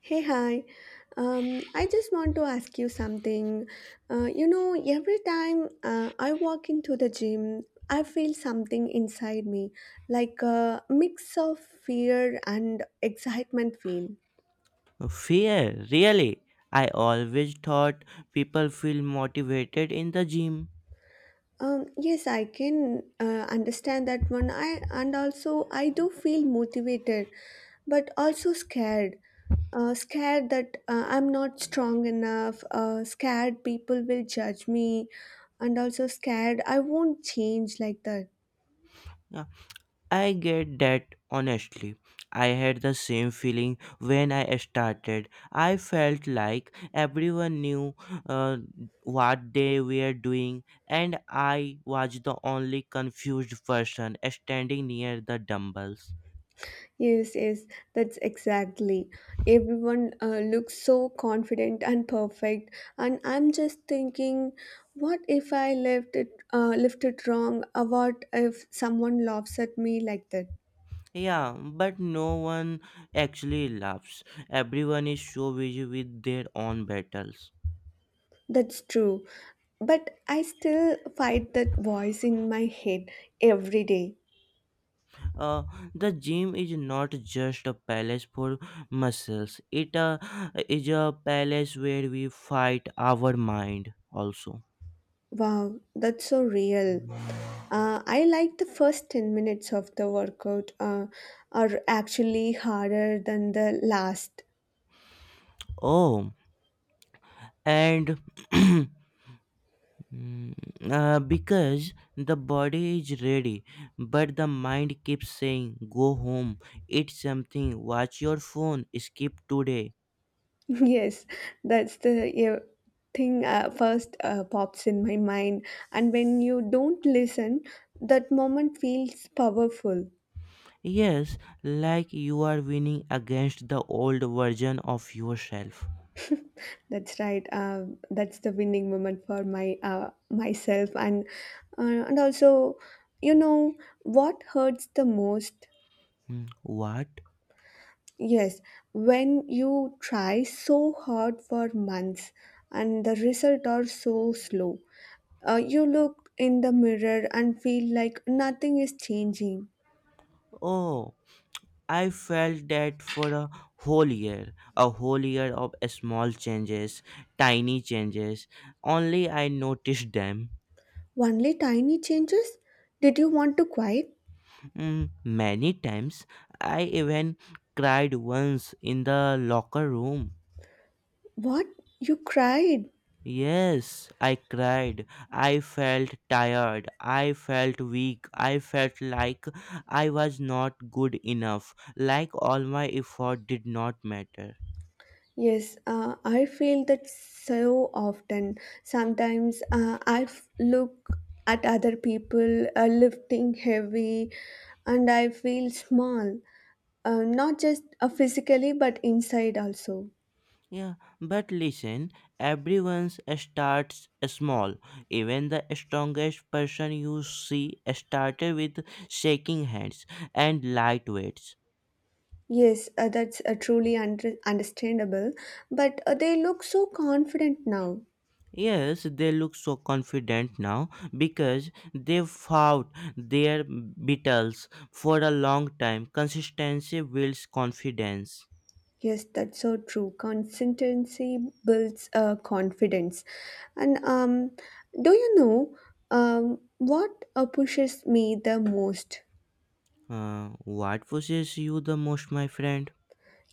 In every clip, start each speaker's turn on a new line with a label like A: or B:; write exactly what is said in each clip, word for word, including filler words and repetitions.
A: Hey, hi. Um, I just want to ask you something. Uh, you know, every time uh, I walk into the gym, I feel something inside me, like a mix of fear and excitement feel.
B: Fear, really? I always thought people feel motivated in the gym.
A: Um, yes, I can uh, understand that one. I and also I do feel motivated, but also scared. Uh, scared that uh, I'm not strong enough, uh, scared people will judge me, and also scared I won't change like that.
B: Yeah, I get that honestly. I had the same feeling when I started. I felt like everyone knew uh, what they were doing, and I was the only confused person standing near the dumbbells.
A: Yes, yes, that's exactly. Everyone uh, looks so confident and perfect, and I'm just thinking, what if I left it, uh, left it wrong? Or what if someone laughs at me like that?
B: Yeah, but no one actually laughs. Everyone is so busy with their own battles.
A: That's true, but I still fight that voice in my head every day.
B: uh, the gym is not just a palace for muscles. It uh, is a palace where we fight our mind also.
A: Wow, that's so real. Uh, I like the first ten minutes of the workout uh, are actually harder than the last.
B: Oh, and mm, uh, because the body is ready, but the mind keeps saying go home, eat something, watch your phone, skip today.
A: Yes, that's the uh, thing uh, first uh, pops in my mind. And when you don't listen, that moment feels powerful.
B: Yes, like you are winning against the old version of yourself.
A: That's right. Uh, that's the winning moment for my uh, myself, and uh, and also, you know what hurts the most?
B: Hmm, what?
A: Yes, when you try so hard for months and the results are so slow, uh, you look in the mirror and feel like nothing is changing.
B: Oh, I felt that for a whole year, a whole year of small changes, tiny changes, only I noticed them.
A: Only tiny changes? Did you want to quiet?
B: Mm, many times I even cried once in the locker room.
A: What? You cried.
B: Yes, I cried. I felt tired. I felt weak. I felt like I was not good enough, like all my effort did not matter.
A: Yes, uh, I feel that so often. Sometimes uh, I f- look at other people uh, lifting heavy and I feel small. Uh, not just uh, physically, but inside also.
B: Yeah, but listen, everyone starts small. Even the strongest person you see started with shaking hands and light weights.
A: Yes, uh, that's uh, truly under- understandable. But uh, they look so confident now.
B: Yes, they look so confident now because they fought their battles for a long time. Consistency builds confidence.
A: Yes, that's so true. Consistency builds uh, confidence. And um, do you know um, what uh, pushes me the most?
B: Uh, what possesses you the most, my friend?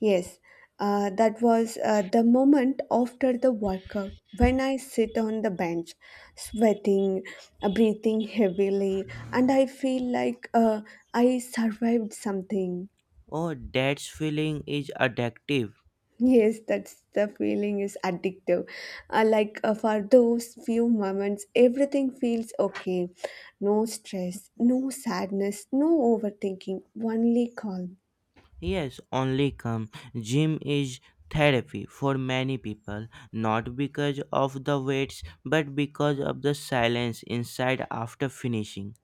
A: Yes, uh, that was uh, the moment after the workout when I sit on the bench, sweating, uh, breathing heavily, and I feel like uh, I survived something.
B: Oh, that feeling is addictive.
A: Yes, that's the feeling is addictive. Uh, like uh, for those few moments, everything feels okay. No stress, no sadness, no overthinking, only calm.
B: Yes, only come. Gym is therapy for many people, not because of the weights, but because of the silence inside after finishing.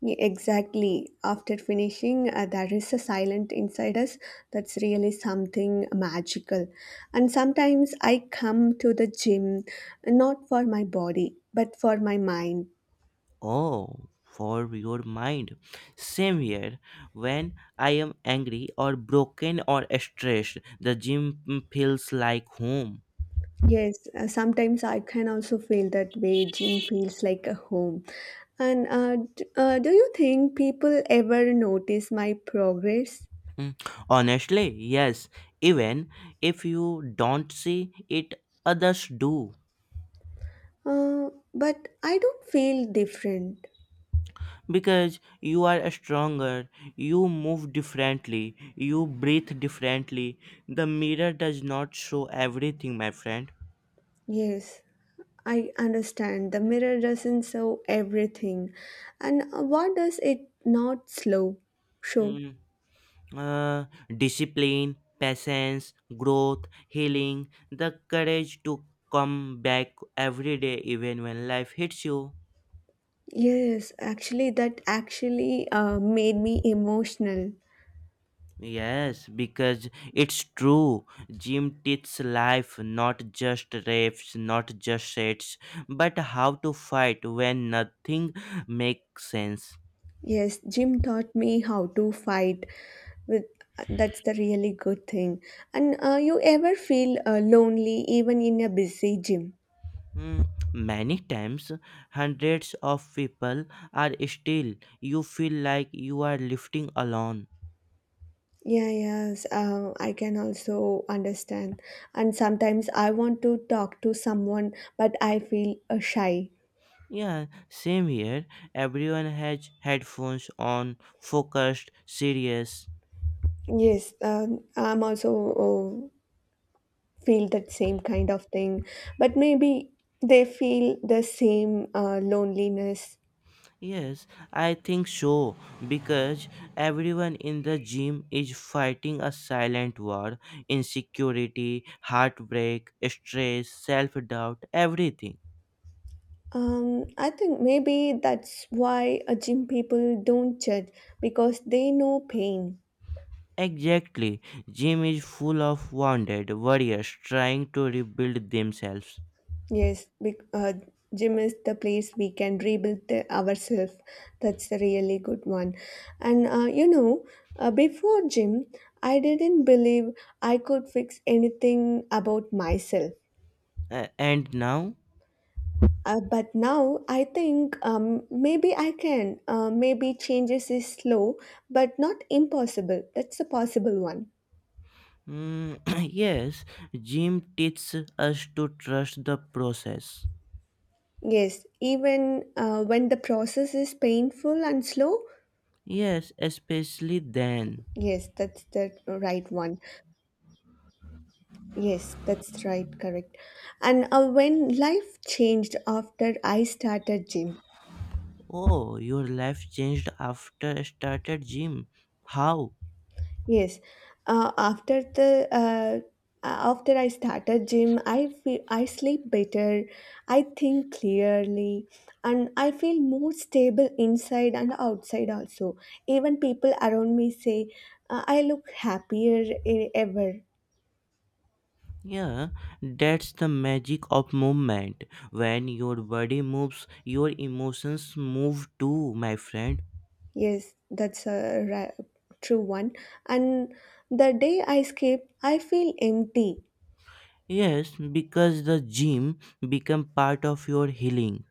A: Yeah, exactly. After finishing, uh, there is a silent inside us that's really something magical. And sometimes I come to the gym not for my body, but for my mind.
B: Oh, for your mind. Same here. When I am angry or broken or stressed, the gym mm, feels like home.
A: Yes, uh, sometimes I can also feel that way. Gym feels like a home. And uh, d- uh, do you think people ever notice my progress?
B: Mm, honestly, yes. Even if you don't see it, others do.
A: Uh, but I don't feel different.
B: Because you are stronger, you move differently, you breathe differently. The mirror does not show everything, my friend.
A: Yes. I understand. The mirror doesn't show everything. And what does it not slow show?
B: Mm, uh, discipline, patience, growth, healing, the courage to come back every day even when life hits you.
A: Yes, actually, that actually uh, made me emotional.
B: Yes, because it's true. Gym teaches life, not just reps, not just sets, but how to fight when nothing makes sense.
A: Yes, Jim taught me how to fight. With that's the really good thing. And uh, you ever feel uh, lonely even in a busy gym?
B: Hmm, many times, hundreds of people are still. You feel like you are lifting alone.
A: Yeah, yes, uh, I can also understand. And sometimes I want to talk to someone, but I feel uh, shy.
B: Yeah, same here. Everyone has headphones on, focused, serious.
A: Yes, um, I'm also uh, feel that same kind of thing, but maybe they feel the same uh, loneliness.
B: Yes, I think so, because everyone in the gym is fighting a silent war: insecurity, heartbreak, stress, self doubt, everything.
A: Um, I think maybe that's why uh, gym people don't judge because they know pain.
B: Exactly, gym is full of wounded warriors trying to rebuild themselves.
A: Yes, bec uh, gym is the place we can rebuild the, ourselves. That's a really good one. And uh, you know, uh, before gym, I didn't believe I could fix anything about myself.
B: A- and now?
A: Uh, but now I think um, maybe I can. Uh, maybe changes is slow, but not impossible. That's a possible one.
B: Mm, yes, gym teaches us to trust the process.
A: Yes, even uh, when the process is painful and slow.
B: Yes, especially then.
A: Yes, that's the right one. Yes, that's right, correct. And uh, when life changed after I started gym.
B: Oh, your life changed after I started gym. How?
A: Yes, uh, after the uh, uh, after I started gym, I feel I sleep better, I think clearly, and I feel more stable inside and outside also. Even people around me say uh, I look happier e- ever.
B: Yeah, that's the magic of movement. When your body moves, your emotions move too, my friend.
A: Yes, that's a ra- true one. And the day I skip, I feel empty.
B: Yes, because the gym become part of your healing.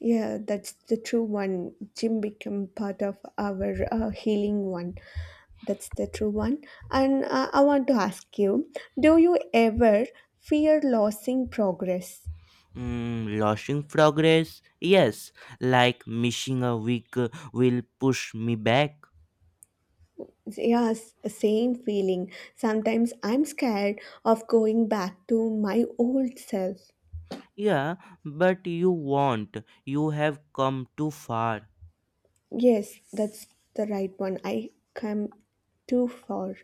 A: Yeah, that's the true one. Gym become part of our uh, healing one. That's the true one. And uh, I want to ask you, do you ever fear losing progress?
B: Mm, losing progress? Yes, like missing a week uh, will push me back.
A: Yes, same feeling. Sometimes I'm scared of going back to my old self.
B: Yeah, but you won't. You have come too far.
A: Yes, that's the right one. I come too far.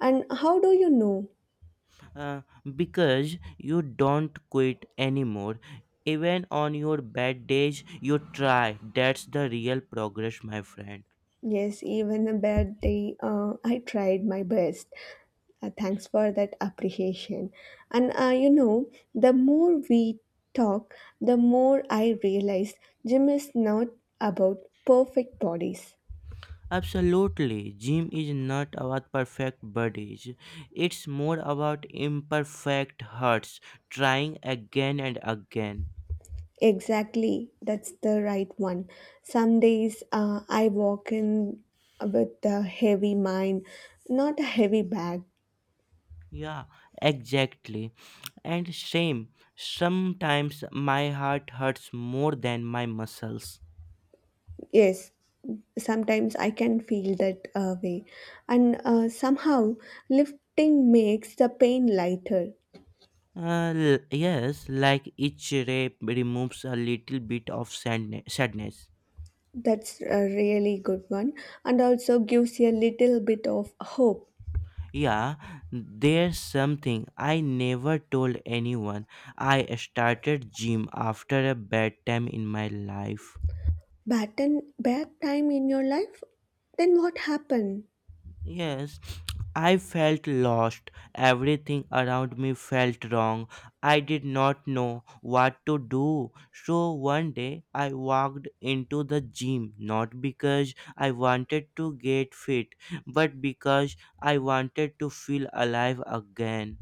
A: And how do you know?
B: Uh, because you don't quit anymore. Even on your bad days, you try. That's the real progress, my friend.
A: Yes, even a bad day, uh, I tried my best. Uh, thanks for that appreciation. And uh, you know, the more we talk, the more I realize gym is not about perfect bodies.
B: Absolutely, gym is not about perfect bodies. It's more about imperfect hearts trying again and again.
A: Exactly, that's the right one. Some days uh, I walk in with a heavy mind, not a heavy bag.
B: Yeah, exactly. And same, sometimes my heart hurts more than my muscles.
A: Yes, sometimes I can feel that uh, way. And uh, somehow lifting makes the pain lighter.
B: Uh, l- yes, like each rape removes a little bit of sadne- sadness.
A: That's a really good one, and also gives you a little bit of hope.
B: Yeah, there's something I never told anyone. I started gym after a bad time in my life.
A: Bad, and bad time in your life? Then what happened?
B: Yes, I felt lost. Everything around me felt wrong. I did not know what to do. So one day I walked into the gym, not because I wanted to get fit, but because I wanted to feel alive again.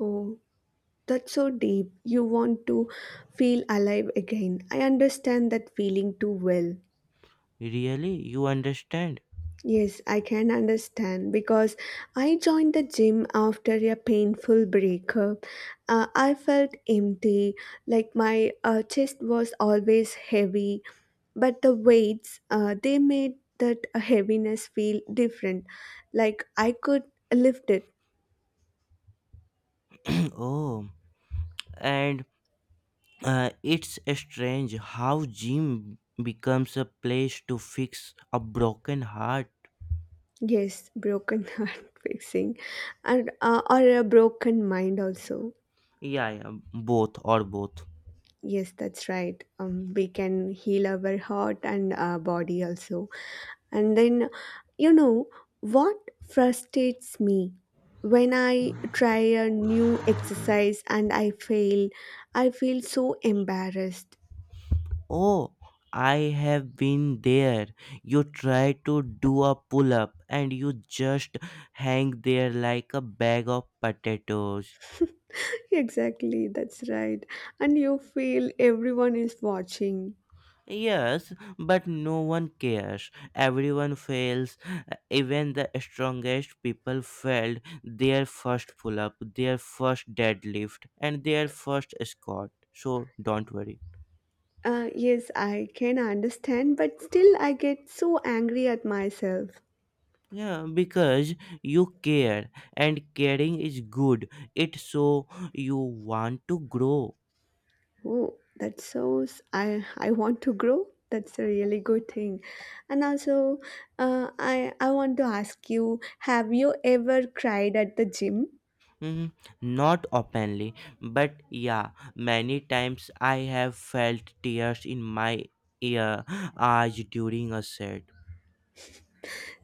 A: Oh, that's so deep. You want to feel alive again. I understand that feeling too well.
B: Really? You understand?
A: Yes, I can understand because I joined the gym after a painful breakup. Uh, I felt empty, like my uh, chest was always heavy, but the weights uh, they made that heaviness feel different, like I could lift it.
B: Oh, and uh, it's strange how gym becomes a place to fix a broken heart.
A: Yes, broken heart fixing, and uh, or a broken mind also.
B: Yeah, yeah, both or both.
A: Yes, that's right. Um, we can heal our heart and uh, body also. And then, you know what frustrates me, when I try a new exercise and I fail, I feel so embarrassed.
B: Oh, I have been there. You try to do a pull up and you just hang there like a bag of potatoes.
A: Exactly, that's right. And you feel everyone is watching.
B: Yes, but no one cares. Everyone fails. Even the strongest people failed their first pull up, their first deadlift, and their first squat. So don't worry.
A: Uh, yes, I can understand, but still, I get so angry at myself.
B: Yeah, because you care, and caring is good. It so you want to grow.
A: Oh, that's so! s- I I want to grow. That's a really good thing. And also, uh, I I want to ask you: have you ever cried at the gym?
B: Mhm. Not openly, but yeah, many times I have felt tears in my ear, eyes during a set.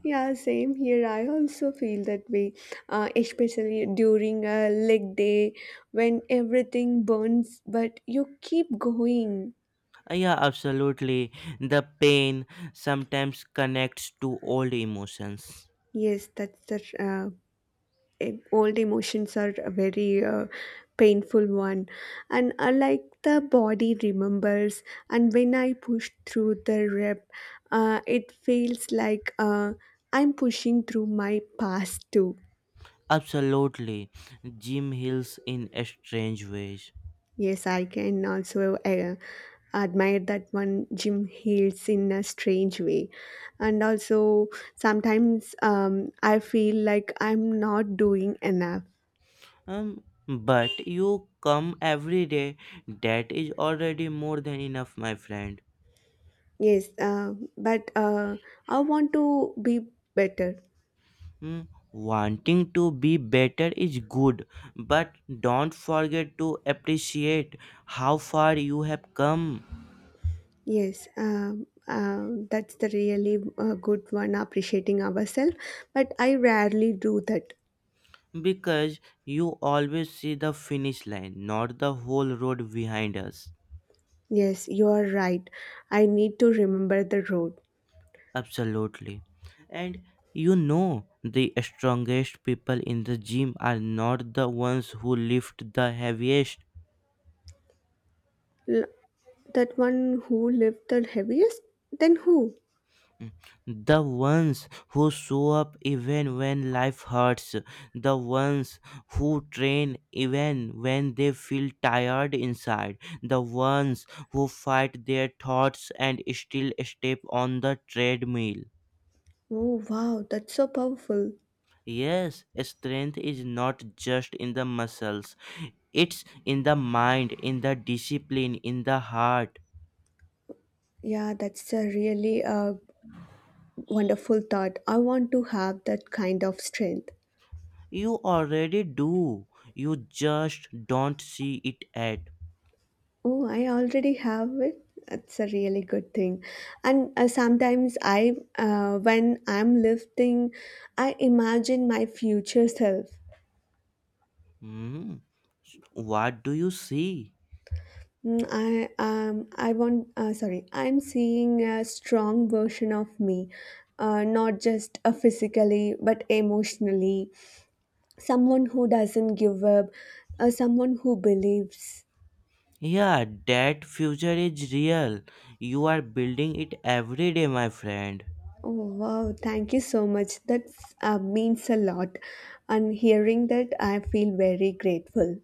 A: Yeah, same here. I also feel that way, uh, especially during a leg day when everything burns, but you keep going.
B: Yeah, absolutely. The pain sometimes connects to old emotions.
A: Yes, that's the uh, em- old emotions are a very uh, painful one, and uh, like the body remembers, and when I push through the rep, uh, it feels like uh, I'm pushing through my past too.
B: Absolutely. Jim heals in strange ways.
A: Yes, I can also uh, admire that one. Jim Hills in a strange way. And also, sometimes um, I feel like I'm not doing enough.
B: Um, but you come every day. That is already more than enough, my friend.
A: Yes, uh, but uh, I want to be better.
B: Hmm, wanting to be better is good, but don't forget to appreciate how far you have come,
A: Yes, um uh, that's the really uh, good one, appreciating ourselves. But I rarely do that.
B: because you always see the finish line, not the whole road behind us.
A: Yes, you are right. I need to remember the road.
B: Absolutely. And you know, the strongest people in the gym are not the ones who lift the heaviest.
A: L- that one who lived the heaviest? Then who?
B: The ones who show up even when life hurts, the ones who train even when they feel tired inside, the ones who fight their thoughts and still step on the treadmill.
A: Oh, wow, that's so powerful.
B: Yes, strength is not just in the muscles, it's in the mind, in the discipline, in the heart.
A: Yeah, that's a really uh, wonderful thought. I want to have that kind of strength.
B: You already do, you just don't see it yet.
A: Oh, I already have it. That's a really good thing. And uh, sometimes I, uh, when I'm lifting, I imagine my future self.
B: Hmm. What do you see?
A: Mm, I um I want, uh, sorry, I'm seeing a strong version of me, uh, not just uh, physically but emotionally. Someone who doesn't give up, uh, someone who believes.
B: Yeah, that future is real. You are building it every day, my friend.
A: Oh, wow. Thank you so much. That uh, means a lot. And hearing that, I feel very grateful.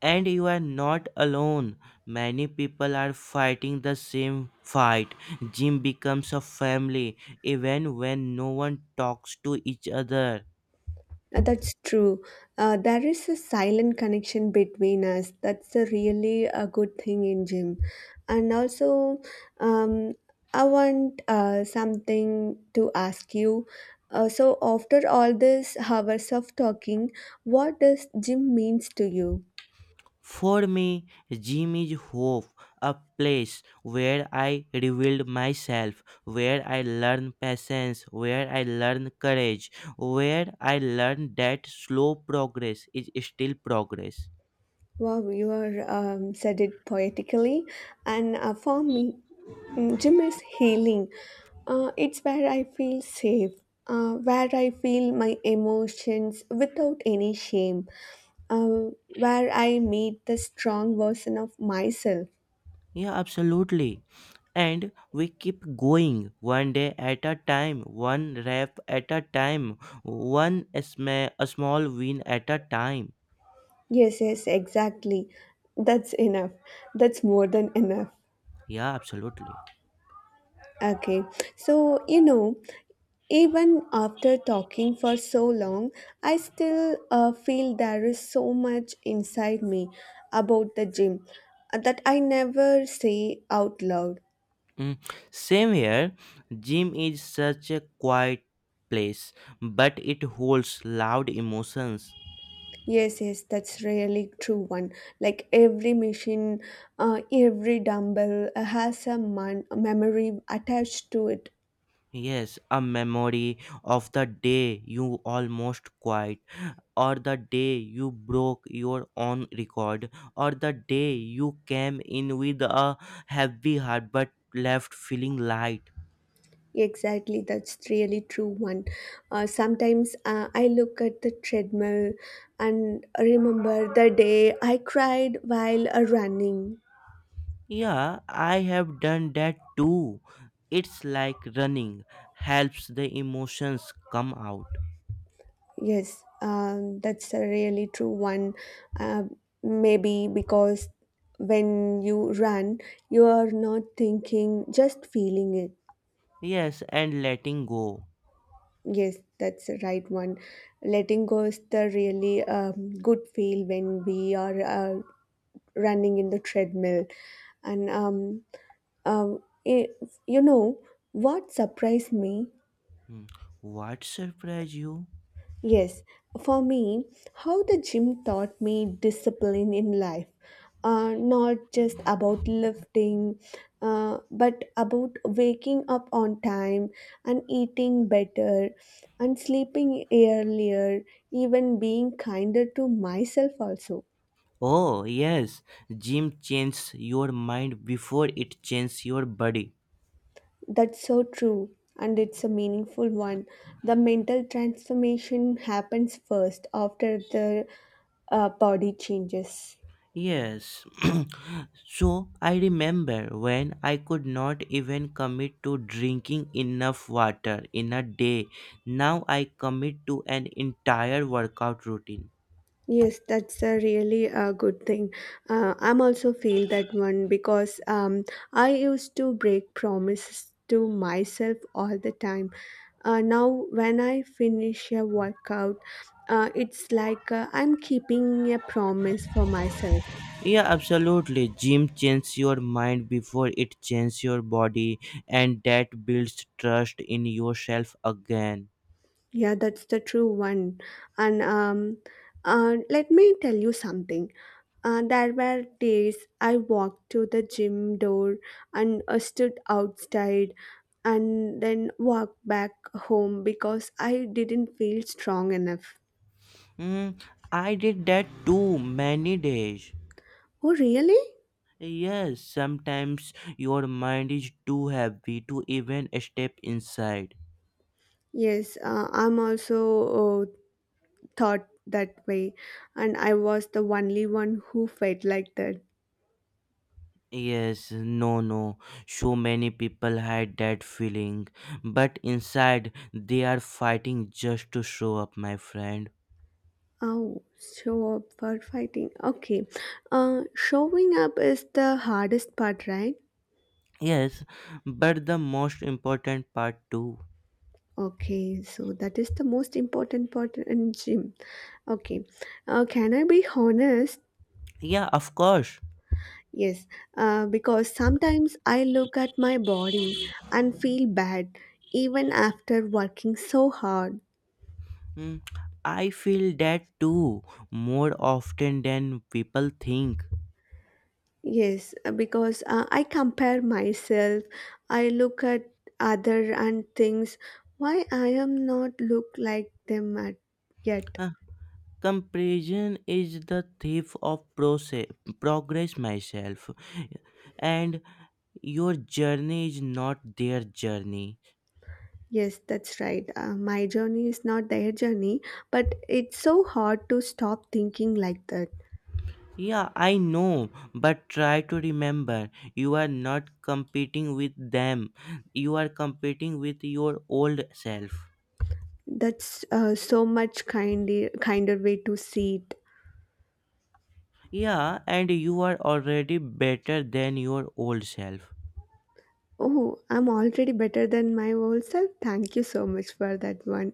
B: And you are not alone. Many people are fighting the same fight. Gym becomes a family even when no one talks to each other.
A: Uh, That's true. Uh, there is a silent connection between us. That's a really a good thing in gym. And also, um, I want uh, something to ask you. Uh, so after all these hours of talking, what does gym means to you?
B: For me, gym is hope, a place where I revealed myself, where I learn patience, where I learn courage, where I learn that slow progress is still progress.
A: Wow, you are um, said it poetically. And uh, for me, mm, gym is healing. Uh, it's where I feel safe, uh, where I feel my emotions without any shame, uh, where I meet the strong version of myself.
B: Yeah, absolutely. And we keep going one day at a time, one rep at a time, one sma- a small win at a time.
A: Yes, yes, exactly. That's enough. That's more than enough.
B: Yeah, absolutely.
A: Okay. So, you know, even after talking for so long, I still uh, feel there is so much inside me about the gym uh, that I never say out loud.
B: Mm, same here. Gym is such a quiet place, but it holds loud emotions.
A: Yes, yes, that's really true one. Like every machine, uh, every dumbbell uh, has a, mon- a memory attached to it.
B: Yes, a memory of the day you almost quit, or the day you broke your own record, or the day you came in with a heavy heart but left feeling light.
A: Exactly, that's really true one. Uh, sometimes uh, I look at the treadmill and remember the day I cried while uh, running.
B: Yeah, I have done that too. It's like running helps the emotions come out.
A: Yes, um, that's a really true one. Uh, Maybe because when you run, you are not thinking, just feeling it.
B: Yes, and letting go.
A: Yes, that's the right one. Letting go is the really um, good feel when we are uh, running in the treadmill and um, Um, eh, you know what surprised me?
B: Hmm, what surprised you?
A: Yes, for me, how the gym taught me discipline in life. Uh, not just about lifting, uh, but about waking up on time and eating better and sleeping earlier, even being kinder to myself also.
B: Oh, yes, gym changes your mind before it changes your body.
A: That's so true, and it's a meaningful one. The mental transformation happens first after the uh, body changes.
B: Yes. So I remember when I could not even commit to drinking enough water in a day. Now I commit to an entire workout routine.
A: Yes, that's a really uh, good thing. Uh, I'm also feel that one because um, I used to break promises to myself all the time. Uh, now, when I finish a workout, uh, it's like uh, I'm keeping a promise for myself.
B: Yeah, absolutely. Gym changes your mind before it changes your body, and that builds trust in yourself again.
A: Yeah, that's the true one. And um, uh, let me tell you something. Uh, there were days I walked to the gym door and uh, stood outside and then walked back home because I didn't feel strong enough.
B: Mm, I did that too many days.
A: Oh, really?
B: Yes, sometimes your mind is too heavy to even step inside.
A: Yes, uh, I'm also uh, thought that way, and I was the only one who felt like that.
B: Yes, no, no. So many people hide that feeling, but inside they are fighting just to show up, my friend.
A: Oh, show up for fighting. Okay. Uh, showing up is the hardest part, right?
B: Yes, but the most important part too.
A: Okay, so that is the most important part in gym. Okay. Uh, can I be honest?
B: Yeah, of course.
A: Yes, uh, because sometimes I look at my body and feel bad even after working so hard.
B: Mm, I feel that too, more often than people think.
A: Yes, uh, because uh, I compare myself, I look at other and things why I am not look like them at yet.
B: Uh, comparison is the thief of process, progress myself. And your journey is not their journey.
A: Yes, that's right. Uh, my journey is not their journey, but it's so hard to stop thinking like that.
B: Yeah, I know, but try to remember you are not competing with them. You are competing with your old self.
A: That's uh, so much kinder, kinder way to see it.
B: Yeah, and you are already better than your old self.
A: Oh, I'm already better than my old self. Thank you so much for that one.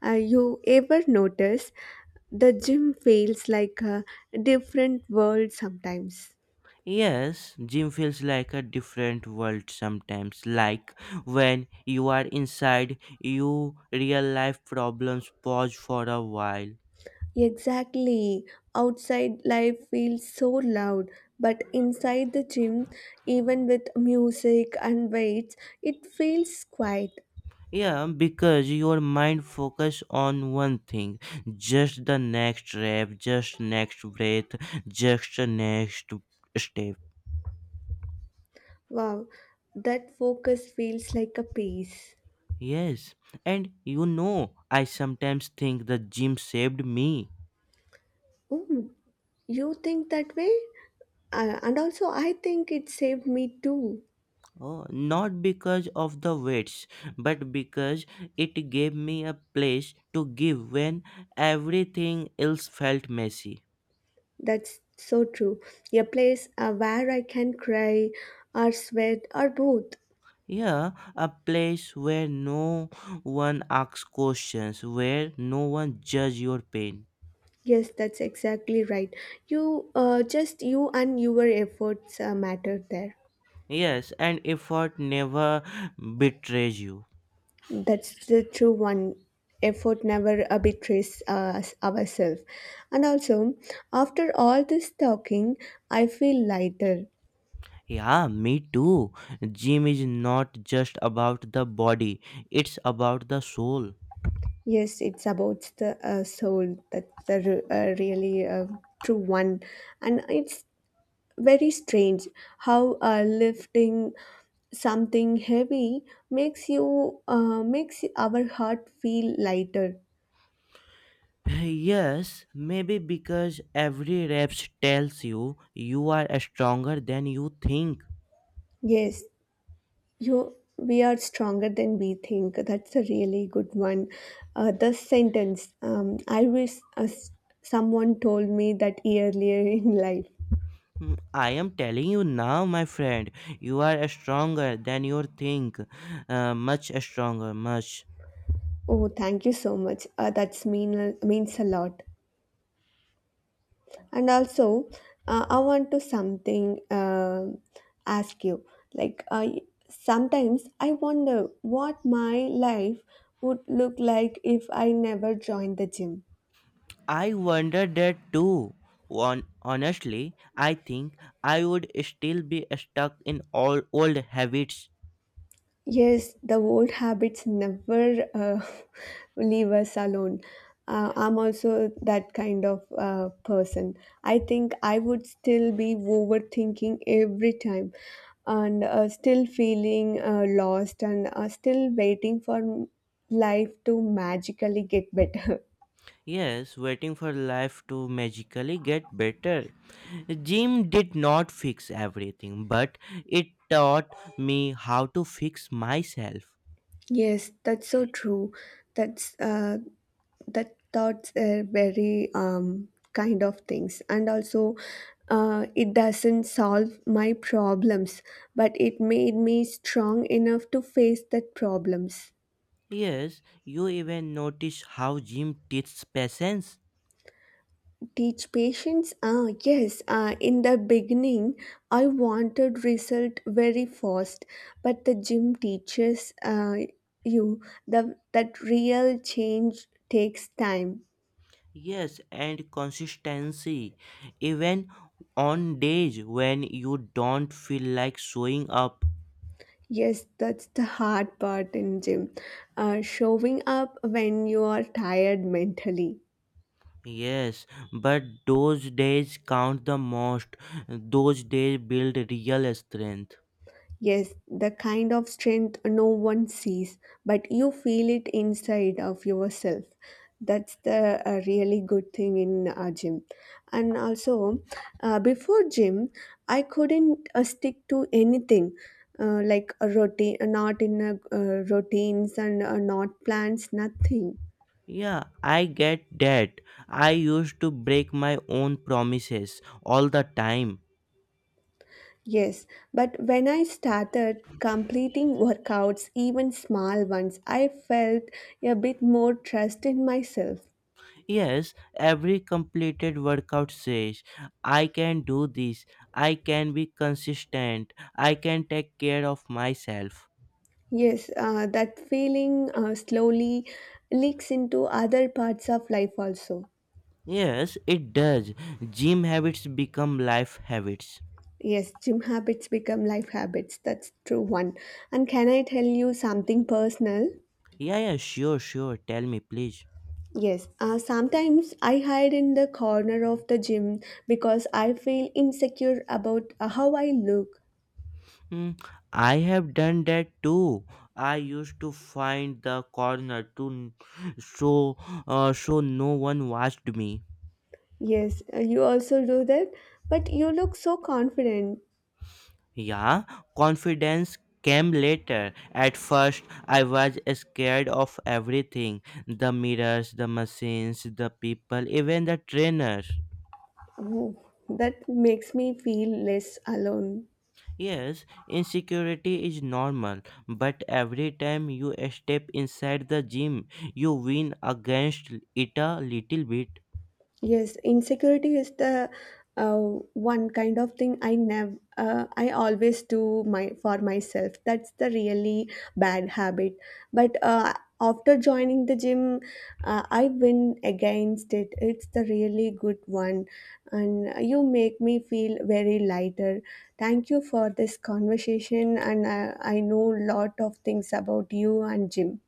A: Uh, you ever notice? The gym feels like a different world sometimes.
B: Yes, gym feels like a different world sometimes. Like when you are inside, you real life problems pause for a while.
A: Exactly. Outside life feels so loud, but inside the gym, even with music and weights, it feels quiet.
B: Yeah, because your mind focus on one thing, just the next rep, just next breath, just the next step.
A: Wow, that focus feels like a peace.
B: Yes, and you know, I sometimes think the gym saved me.
A: Oh, you think that way? Uh, and also, I think it saved me too.
B: Oh, not because of the weights, but because it gave me a place to give when everything else felt messy.
A: That's so true. A place uh, where I can cry or sweat or both.
B: Yeah, a place where no one asks questions, where no one judges your pain.
A: Yes, that's exactly right. You, uh, just you and your efforts uh, matter there.
B: Yes, and effort never betrays you.
A: That's the true one. Effort never uh, betrays us ourselves. And also, after all this talking, I feel lighter.
B: Yeah, me too. Gym is not just about the body, it's about the soul.
A: Yes, it's about the uh, soul. That's the re- uh, really uh, true one, and it's very strange how uh, lifting something heavy makes you uh, makes our heart feel lighter.
B: Yes, maybe because every reps tells you you are stronger than you think.
A: Yes, you we are stronger than we think. That's a really good one. Uh, the sentence um, I wish uh, someone told me that earlier in life.
B: Hmm, I am telling you now, my friend, you are stronger than you think. Uh, much stronger, much.
A: Oh, thank you so much. Uh, that's mean means a lot. And also uh, I want to something uh, ask you, like I sometimes I wonder what my life would look like if I never joined the gym.
B: I wondered that too. Hon- honestly, I think I would still be stuck in all old habits.
A: Yes, the old habits never uh, leave us alone. Uh, I'm also that kind of uh, person. I think I would still be overthinking every time and uh, still feeling uh, lost and uh, still waiting for life to magically get better.
B: Yes, waiting for life to magically get better. Gym did not fix everything, but it taught me how to fix myself.
A: Yes, that's so true. That's uh, that thoughts are very um, kind of things, and also uh, it doesn't solve my problems, but it made me strong enough to face that problems.
B: Yes, you even notice how gym teaches patience.
A: Teach patience, ah yes, uh, in the beginning I wanted result very fast, but the gym teaches uh, you the that real change takes time.
B: Yes, and consistency. Even on days when you don't feel like showing up.
A: Yes, that's the hard part in gym. Uh, showing up when you are tired mentally.
B: Yes, but those days count the most. Those days build real strength.
A: Yes, the kind of strength no one sees, but you feel it inside of yourself. That's the uh, really good thing in uh, gym. And also, uh, before gym, I couldn't uh, stick to anything. Uh, like a routine, not in a, uh, routines and uh, not plans, nothing.
B: Yeah, I get that. I used to break my own promises all the time.
A: Yes, but when I started completing workouts, even small ones, I felt a bit more trust in myself.
B: Yes, every completed workout says, I can do this, I can be consistent, I can take care of myself.
A: Yes, uh, that feeling uh, slowly leaks into other parts of life also.
B: Yes, it does. Gym habits become life habits.
A: Yes, gym habits become life habits. That's true one. And can I tell you something personal?
B: Yeah, yeah, sure, sure. Tell me, please.
A: Yes, uh, sometimes I hide in the corner of the gym because I feel insecure about uh, how I look.
B: Mm, I have done that too. I used to find the corner to n- so uh, so no one watched me.
A: Yes, uh, you also do that, but you look so confident.
B: Yeah, confidence came later. At first, I was scared of everything: the mirrors, the machines, the people, even the trainers.
A: Oh, that makes me feel less alone.
B: Yes, insecurity is normal, but every time you step inside the gym, you win against it a little bit.
A: Yes, insecurity is the uh, one kind of thing I never, uh, I always do my for myself. That's the really bad habit. But uh, after joining the gym, uh, I win against it. It's the really good one, and you make me feel very lighter. Thank you for this conversation, and uh, I know lot of things about you and gym.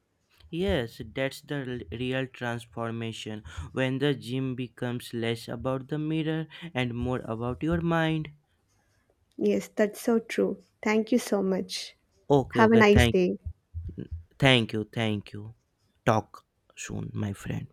B: Yes, that's the l- real transformation when the gym becomes less about the mirror and more about your mind.
A: Yes, that's so true. Thank you so much.
B: Okay,
A: Have a
B: okay,
A: nice
B: thank
A: day.
B: thank you, thank you. Talk soon, my friend.